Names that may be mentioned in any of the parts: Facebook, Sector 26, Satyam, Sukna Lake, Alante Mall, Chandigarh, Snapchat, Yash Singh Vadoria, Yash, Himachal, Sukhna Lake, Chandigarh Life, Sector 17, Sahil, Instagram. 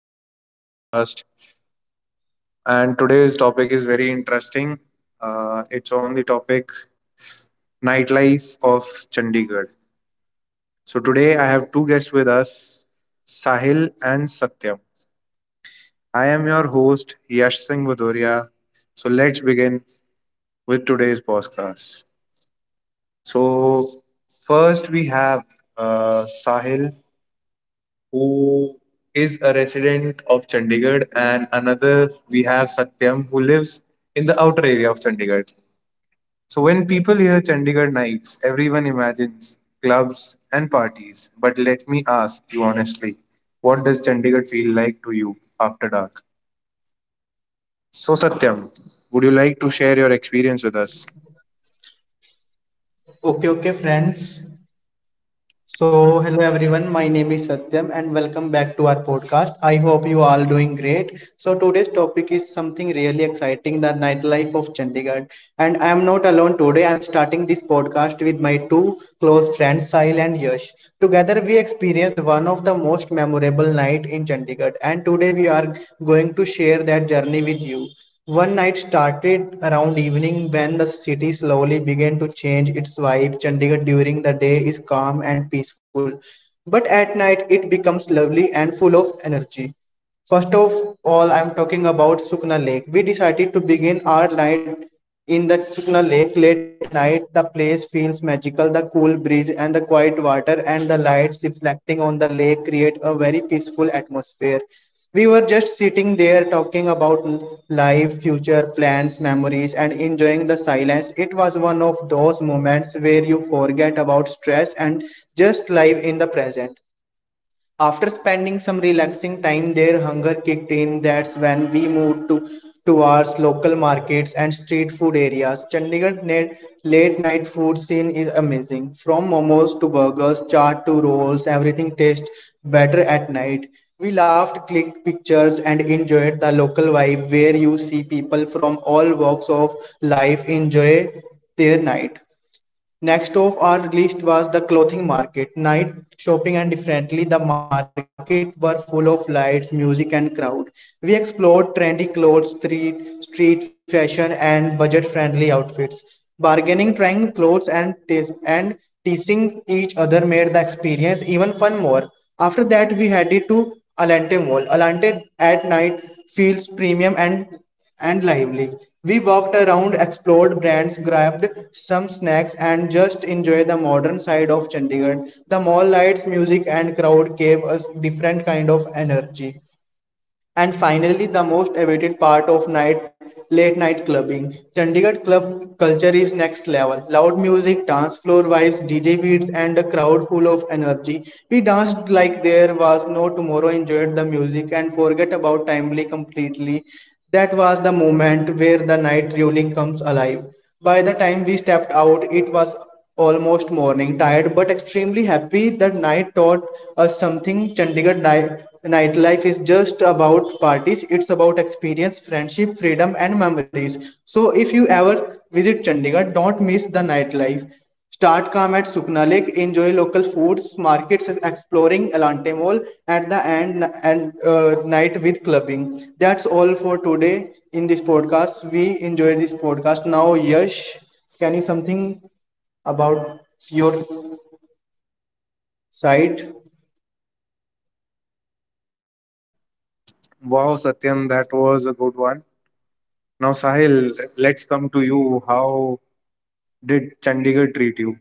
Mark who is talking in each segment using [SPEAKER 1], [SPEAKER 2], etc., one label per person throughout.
[SPEAKER 1] to another podcast. And today's topic is very interesting. It's on the topic nightlife of Chandigarh. So today I have two guests with us, Sahil and Satyam. I am your host, Yash Singh Vadoria. So let's begin with today's podcast. So first we have Sahil, who is a resident of Chandigarh, and another we have Satyam, who lives in the outer area of Chandigarh. So when people hear Chandigarh nights, everyone imagines clubs and parties. But let me ask you honestly, what does Chandigarh feel like to you after dark? So Satyam, would you like to share your experience with us?
[SPEAKER 2] Okay, okay, friends. So, hello everyone. My name is Satyam and welcome back to our podcast. I hope you all doing great. So, today's topic is something really exciting, the nightlife of Chandigarh. And I am not alone today. I am starting this podcast with my two close friends, Sahil and Yash. Together we experienced one of the most memorable night in Chandigarh and today we are going to share that journey with you. One night started around evening when the city slowly began to change its vibe. Chandigarh during the day is calm and peaceful, but at night it becomes lovely and full of energy. First of all, I'm talking about Sukna Lake. We decided to begin our night in the Sukna Lake late at night, the place feels magical. The cool breeze and the quiet water and the lights reflecting on the lake create a very peaceful atmosphere. We were just sitting there talking about life, future plans, memories, and enjoying the silence. It was one of those moments where you forget about stress and just live in the present. After spending some relaxing time there, hunger kicked in. That's when we moved to towards local markets and street food areas. Chandigarh net late night food scene is amazing. From momos to burgers, chaat to rolls, everything tastes better at night. We laughed, clicked pictures, and enjoyed the local vibe where you see people from all walks of life enjoy their night. Next off our list was the clothing market. Night shopping and differently, the market were full of lights, music, and crowd. We explored trendy clothes, street fashion, and budget-friendly outfits. Bargaining, trying clothes, and taste, and teasing each other made the experience even fun more. After that, we headed to Alante Mall. Alante at night feels premium and lively. We walked around, explored brands, grabbed some snacks, and just enjoyed the modern side of Chandigarh. The mall lights, music, and crowd gave us different kind of energy. And finally, the most awaited part of night late night clubbing. Chandigarh club culture is next level. Loud music, dance floor vibes, DJ beats, and a crowd full of energy. We danced like there was no tomorrow, enjoyed the music, and forget about timely completely. That was the moment where the night really comes alive. By the time we stepped out, it was almost morning, tired but extremely happy. That night taught us something. Chandigarh nightlife is just about parties, it's about experience, friendship, freedom, and memories. So, if you ever visit Chandigarh, don't miss the nightlife. Start calm at Sukna Lake, enjoy local foods, markets, exploring Elante Mall at the end and night with clubbing. That's all for today in this podcast. We enjoyed this podcast. Now, Yash, can you something? About your site.
[SPEAKER 1] Wow, Satyam, that was a good one. Now, Sahil, let's come to you. How did Chandigarh treat you?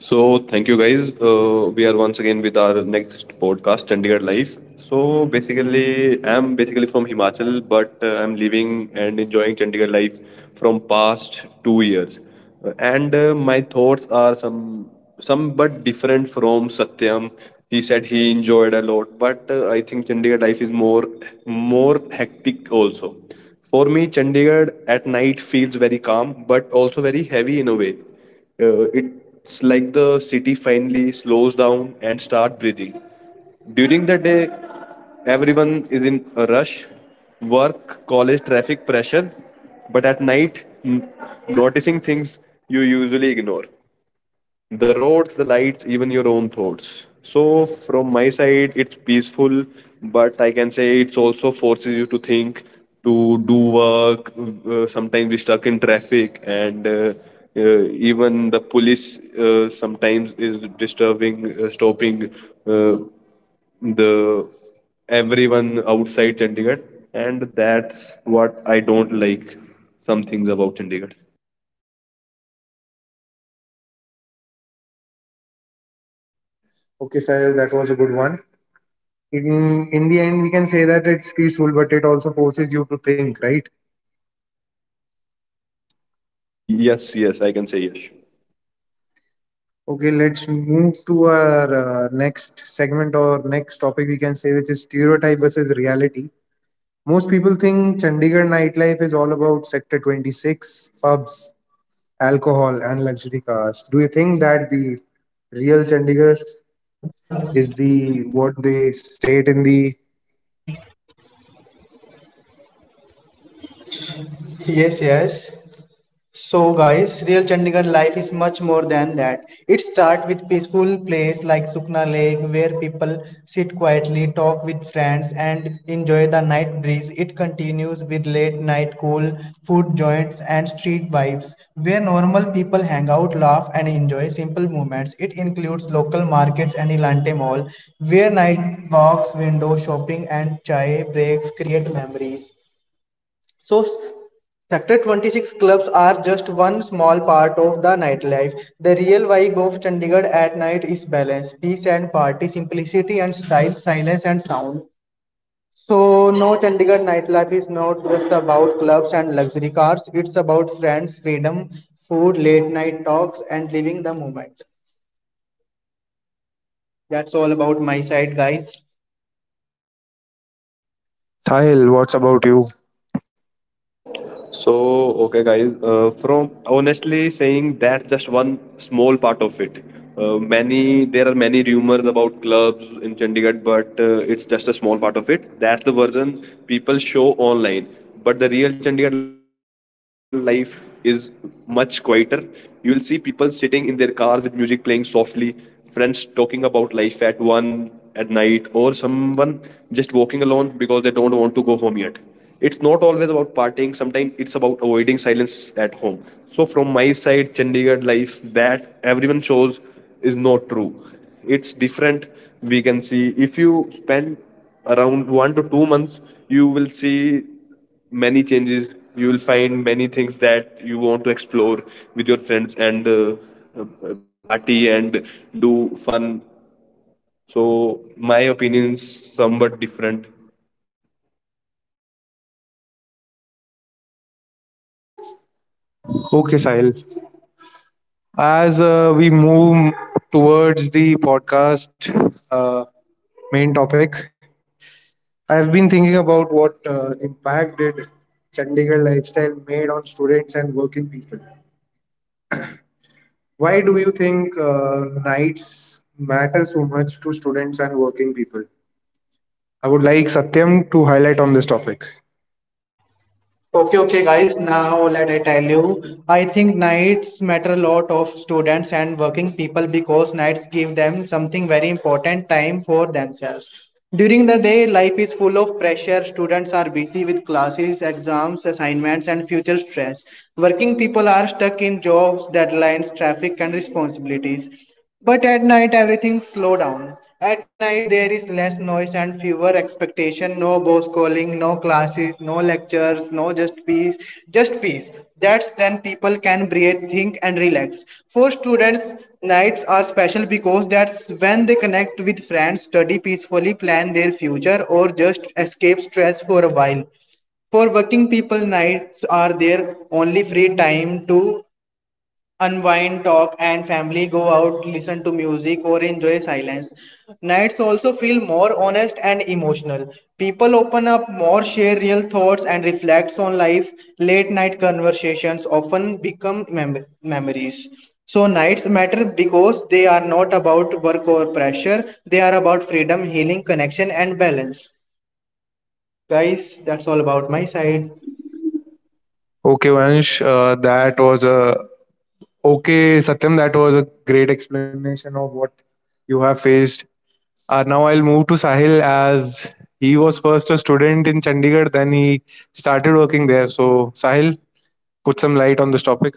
[SPEAKER 3] So thank you guys. We are once again with our next podcast, Chandigarh Life. I'm basically from Himachal, but I'm living and enjoying Chandigarh life from past 2 years. And My thoughts are some, but different from Satyam. He said he enjoyed a lot, but I think Chandigarh life is more hectic also. For me, Chandigarh at night feels very calm, but also very heavy in a way. Uh, it's like the city finally slows down and start breathing. During the day, everyone is in a rush, work, college, traffic pressure. But at night, noticing things you usually ignore, the roads, the lights, even your own thoughts. So, from my side, it's peaceful, but I can say it's also forces you to think, to do work. Sometimes we stuck in traffic, and even the police sometimes is disturbing, stopping uh, the everyone outside Chandigarh, and that's what I don't like. Some things about Chandigarh.
[SPEAKER 1] Okay, Sahil, that was a good one. In the end we can say that it's peaceful, but it also forces you to think, right?
[SPEAKER 3] Yes, yes, I can say yes.
[SPEAKER 1] Okay, let's move to our next segment, or next topic we can say, which is stereotype versus reality. Most people think Chandigarh nightlife is all about sector 26 pubs, alcohol and luxury cars. Do you think that the real Chandigarh is the what they state in the?
[SPEAKER 2] Yes, yes. So guys, real Chandigarh life is much more than that. It starts with peaceful place like Sukna Lake where people sit quietly, talk with friends and enjoy the night breeze. It continues with late night cool food joints and street vibes where normal people hang out, laugh and enjoy simple moments. It includes local markets and Elante Mall where night walks, window shopping and chai breaks create memories. So, Sector 26 clubs are just one small part of the nightlife. The real vibe of Chandigarh at night is balance, peace and party, simplicity and style, silence and sound. So, no, Chandigarh nightlife is not just about clubs and luxury cars, it's about friends, freedom, food, late night talks, and living the moment. That's all about my side, guys.
[SPEAKER 1] Sahil, what's about you?
[SPEAKER 3] So, okay, guys, from honestly saying that just one small part of it. Many there are many rumors about clubs in Chandigarh, but it's just a small part of it. That's the version people show online. But the real Chandigarh life is much quieter. You will see people sitting in their cars with music playing softly, friends talking about life at one at night, or someone just walking alone because they don't want to go home yet. It's not always about partying, sometimes it's about avoiding silence at home. So, from my side, Chandigarh life that everyone shows is not true. It's different. We can see if you spend around 1 to 2 months, you will see many changes. You will find many things that you want to explore with your friends and party and do fun. So, my opinions somewhat different.
[SPEAKER 1] Okay, Sahil. As we move towards the podcast uh, main topic, I have been thinking about what impact did Chandigarh lifestyle made on students and working people. Why do you think nights matter so much to students and working people? I would like Satyam to highlight on this topic.
[SPEAKER 2] Okay, okay, guys. Now let I tell you. I think nights matter a lot of students and working people because nights give them something very important time for themselves. During the day, life is full of pressure. Students are busy with classes, exams, assignments, and future stress. Working people are stuck in jobs, deadlines, traffic, and responsibilities. But at night everything slow down. At night there is less noise and fewer expectation, no boss calling, no classes, no lectures, no just peace. That's when people can breathe, think and relax. For students, nights are special because that's when they connect with friends, study peacefully, plan their future or just escape stress for a while. For working people, nights are their only free time to unwind, talk, and family go out, listen to music, or enjoy silence. Nights also feel more honest and emotional. People open up more, share real thoughts, and reflects on life. Late night conversations often become memories. So, nights matter because they are not about work or pressure, they are about freedom, healing, connection, and balance. Guys, that's all about my side.
[SPEAKER 1] Okay, Vansh, uh, that was a okay, Satyam. That was a great explanation of what you have faced. Now I'll move to Sahil, as he was first a student in Chandigarh, then he started working there. So Sahil, put some light on this topic.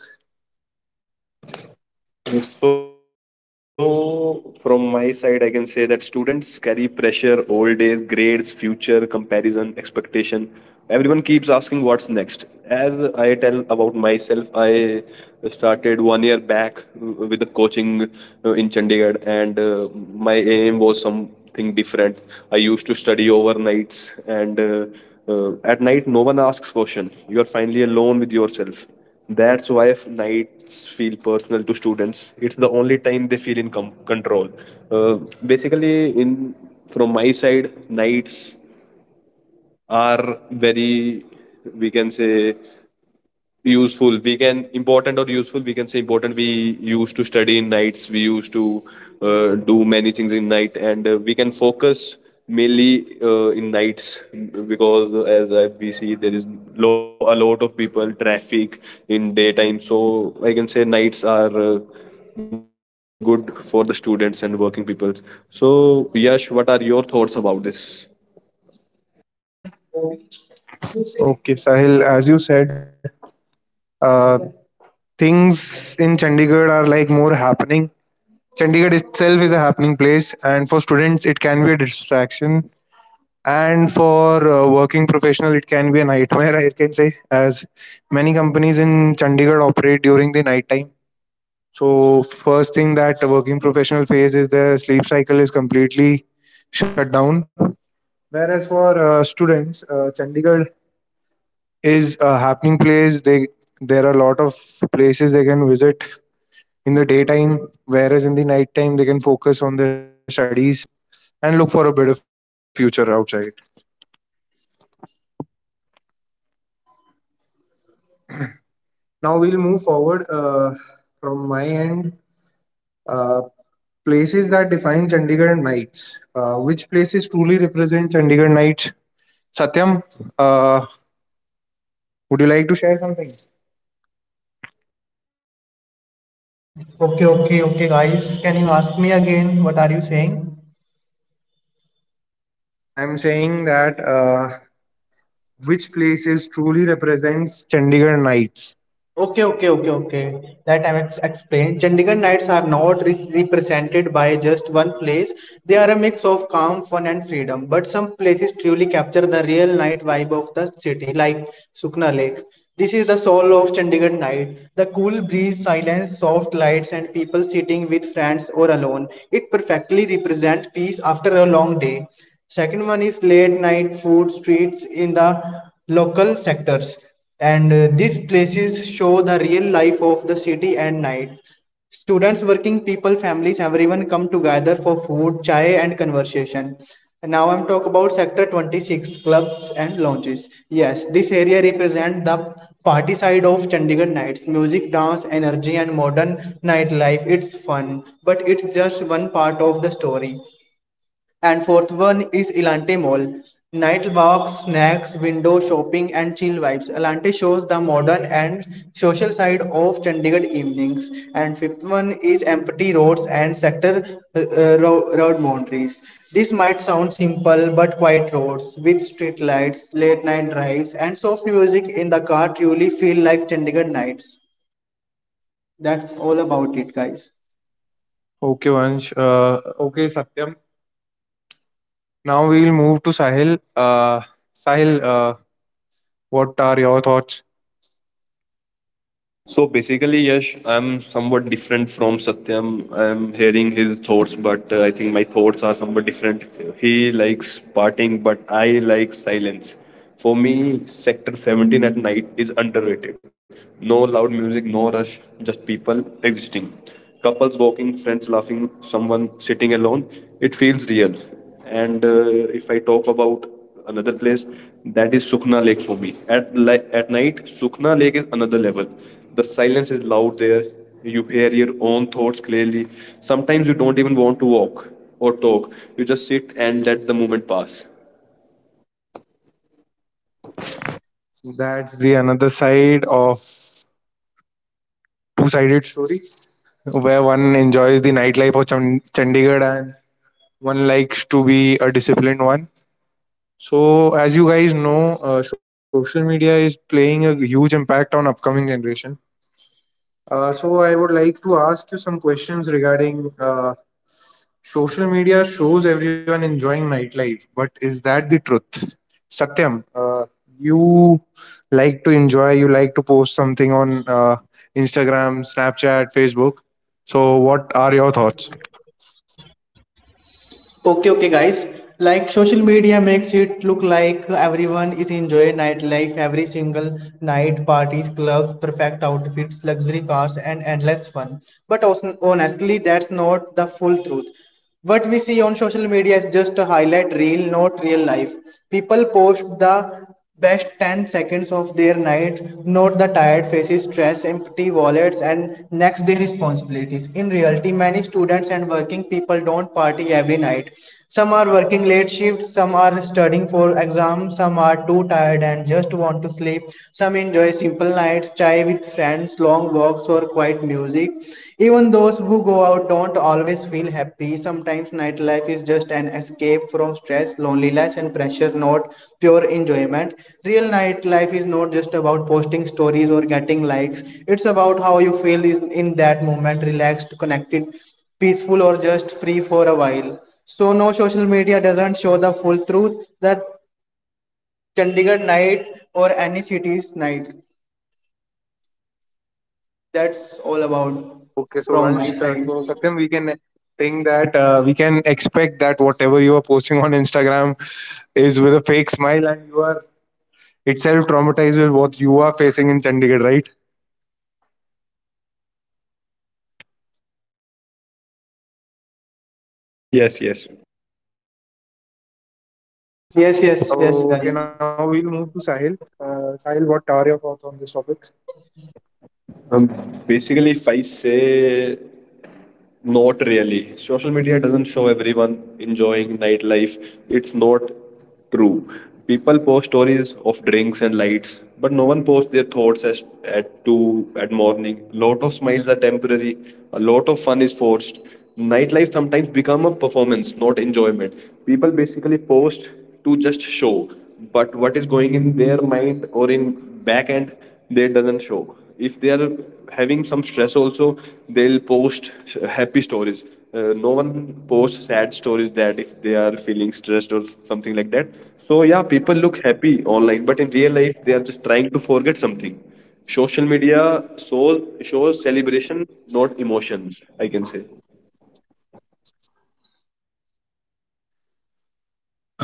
[SPEAKER 3] So, from my side, I can say that students carry pressure, old days, grades, future, comparison, expectation. Everyone keeps asking what's next. As I tell about myself, I started 1 year back with the coaching in Chandigarh, and my aim was something different. I used to study overnights, and at night, no one asks question. You are finally alone with yourself. That's why nights feel personal to students. It's the only time they feel in control. Uh, basically, in from my side, nights are very, we can say, useful we can important or useful we can say important we used to study in nights. We used to do many things in night and we can focus mainly in nights because we see there is a lot of people traffic in daytime. So I can say nights are good for the students and working people. So Yash, what are your thoughts about this?
[SPEAKER 1] Okay, Sahil, as you said, uh, things in Chandigarh are like more happening. Chandigarh itself is a happening place, and for students, it can be a distraction. And for working professional, it can be a nightmare, I can say, as many companies in Chandigarh operate during the night time. So first thing that a working professional face is their sleep cycle is completely shut down. Whereas for students, Chandigarh is a happening place. They There are a lot of places they can visit in the daytime, whereas in the nighttime they can focus on their studies and look for a better future outside. Now we'll move forward, from my end. Uh, Places that define Chandigarh nights. Which places truly represent Chandigarh nights? Satyam, uh, would you like to share something?
[SPEAKER 2] Okay, okay, okay, guys. Can you ask me again? What are you saying?
[SPEAKER 1] I'm saying that, which places truly represents Chandigarh nights?
[SPEAKER 2] Okay, okay, okay, okay. That I've explained. Chandigarh nights are not represented by just one place. They are a mix of calm, fun, and freedom. But some places truly capture the real night vibe of the city, like Sukna Lake. This is the soul of Chandigarh night. The cool breeze, silence, soft lights, and people sitting with friends or alone. It perfectly represents peace after a long day. Second one is late night food streets in the local sectors and these places show the real life of the city at night, students working people families everyone come together for food, chai and conversation. And now I'm talk about Sector 26 clubs and lounges. Yes, this area represent the party side of Chandigarh nights, music, dance, energy, and modern nightlife. It's fun, but it's just one part of the story. And fourth one is Elante Mall. Night walks, snacks, window shopping, and chill vibes. Elante shows the modern and social side of Chandigarh evenings. And fifth one is empty roads and sector road boundaries. This might sound simple, but quiet roads with street lights, late night drives, and soft music in the car truly feel like Chandigarh nights. That's all about it, guys.
[SPEAKER 1] Okay, Satyam. Now we'll move to Sahil. Sahil, what are your thoughts?
[SPEAKER 3] So basically, Yash, I'm somewhat different from Satyam. I'm hearing his thoughts, but I think my thoughts are somewhat different. He likes partying, but I like silence. For me, Sector 17 at night is underrated. No loud music, no rush, just people existing. Couples walking, friends laughing, someone sitting alone. It feels real. And if I talk about another place, that is Sukhna Lake for me. At at night, Sukhna Lake is another level. The silence is loud there. You hear your own thoughts clearly. Sometimes you don't even want to walk or talk. You just sit and let the moment pass.
[SPEAKER 1] That's the another side of two-sided story, where one enjoys the nightlife of Chandigarh and one likes to be a disciplined one. So, as you guys know, social media is playing a huge impact on upcoming generation. So I would like to ask you some questions regarding, social media shows everyone enjoying nightlife, but is that the truth? Satyam, you like to enjoy, you like to post something on Instagram, Snapchat, Facebook. So what are your thoughts?
[SPEAKER 2] Okay, okay, guys. Like social media makes it look like everyone is enjoying nightlife every single night, parties, clubs, perfect outfits, luxury cars, and endless fun. But also, honestly, that's not the full truth. What we see on social media is just a highlight reel, not real life. People post the best 10 seconds of their night, note the tired faces, stress, empty wallets, and next day responsibilities. In reality, many students and working people don't party every night. Some are working late shifts, some are studying for exams, some are too tired and just want to sleep. Some enjoy simple nights, chai with friends, long walks, or quiet music. Even those who go out don't always feel happy. Sometimes nightlife is just an escape from stress, loneliness, and pressure, not pure enjoyment. Real nightlife is not just about posting stories or getting likes, it's about how you feel is in that moment relaxed, connected, peaceful, or just free for a while. So, no social media doesn't show the full truth that Chandigarh night or any city's night. That's all about
[SPEAKER 1] Okay, so
[SPEAKER 2] from my side.
[SPEAKER 1] Satyam, we can think that we can expect that whatever you are posting on Instagram is with a fake smile, and you are itself traumatized with what you are facing in Chandigarh, right?
[SPEAKER 3] Yes, yes.
[SPEAKER 2] Yes, yes, yes,
[SPEAKER 1] Okay,
[SPEAKER 2] guys.
[SPEAKER 1] now we'll move to Sahil. Sahil, what are your thoughts on this topic?
[SPEAKER 3] Um, basically, if I say Not really. Social media doesn't show everyone enjoying nightlife. It's not true. People post stories of drinks and lights, but no one posts their thoughts as, at two at morning. Lot of smiles are temporary. A lot of fun is forced. Nightlife sometimes become a performance, not enjoyment. People basically post to just show, but what is going in their mind or in back end, they doesn't show. If they are having some stress also, they'll post happy stories. No one posts sad stories that if they are feeling stressed or something like that. So yeah, people look happy online, but in real life they are just trying to forget something. Social media soul shows celebration, not emotions, I can say.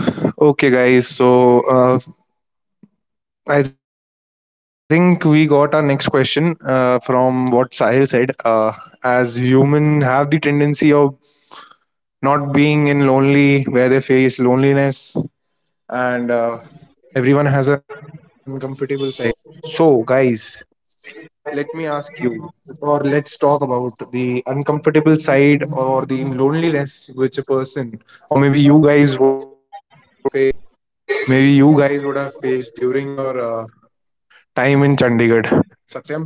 [SPEAKER 1] Okay, guys. I think we got our next question from what Sahil said. As human have the tendency of not being in lonely where they face loneliness, and everyone has an uncomfortable side. So guys, let me ask you, or let's talk about the uncomfortable side or the loneliness which a person or maybe you guys would have faced, maybe you guys would have faced during your time in Chandigarh. Satyam,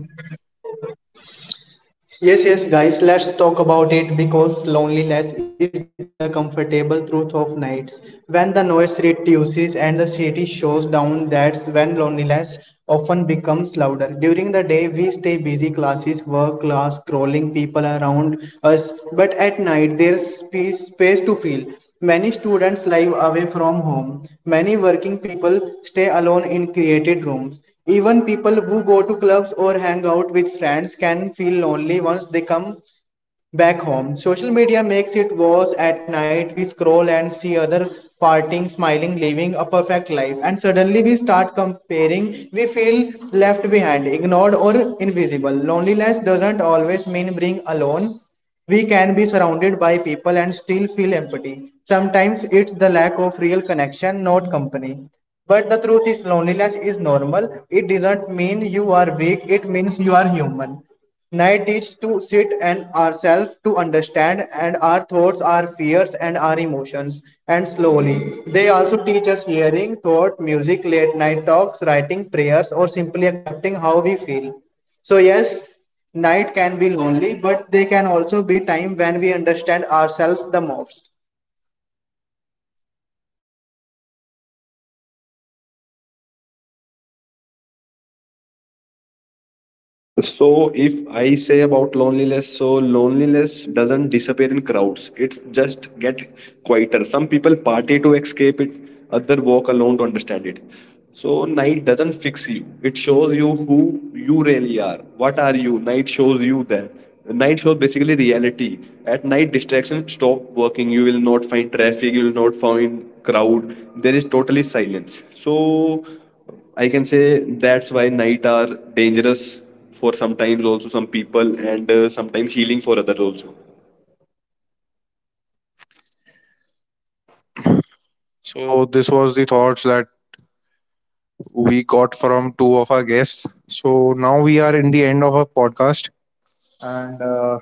[SPEAKER 2] Yes, yes, guys, let's talk about it because loneliness is the comfortable truth of nights. When the noise reduces and the city shows down, that's when loneliness often becomes louder. During the day, we stay busy classes, work, class, scrolling people around us, but at night, there's peace, space to feel. Many students live away from home. Many working people stay alone in created rooms. Even people who go to clubs or hang out with friends can feel lonely once they come back home. Social media makes it worse at night. We scroll and see other partying, smiling, living a perfect life. And suddenly we start comparing. We feel left behind, ignored, or invisible. Loneliness doesn't always mean being alone, we can be surrounded by people and still feel empty. Sometimes it's the lack of real connection, not company. But the truth is, loneliness is normal. It doesn't mean you are weak, it means you are human. Night teaches to sit and ourselves to understand and our thoughts, our fears, and our emotions. And slowly, they also teach us hearing, thought, music, late night talks, writing prayers, or simply accepting how we feel. So, yes, night can be lonely, but they can also be time when we understand ourselves the most.
[SPEAKER 3] So if I say about loneliness, so loneliness doesn't disappear in crowds. It's just get quieter. Some people party to escape it, other walk alone to understand it. So night doesn't fix you. It shows you who you really are. What are you? Night shows you that. Night shows basically reality. At night, distractions stop working. You will not find traffic. You will not find crowd. There is totally silence. So I can say that's why night are dangerous for sometimes also some people and sometimes healing for others also.
[SPEAKER 1] so this was the thoughts that we got from two of our guests. So now we are in the end of our podcast. And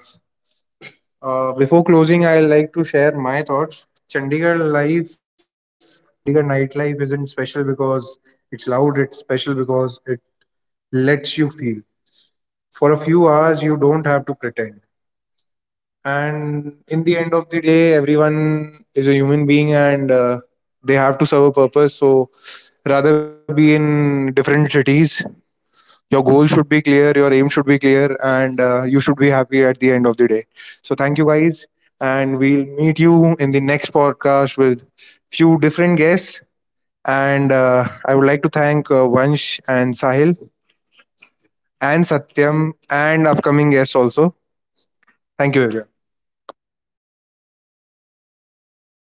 [SPEAKER 1] Before closing, I like to share my thoughts. Chandigarh life or Chandigarh nightlife isn't special because it's loud, it's special because it lets you feel. For a few hours, you don't have to pretend. And in the end of the day, everyone is a human being, and they have to serve a purpose. So rather be in different cities, your goal should be clear, your aim should be clear, and you should be happy at the end of the day. So thank you guys, and we'll meet you in the next podcast with few different guests. And I would like to thank Vansh and Sahil and Satyam and upcoming guests also. Thank you everyone.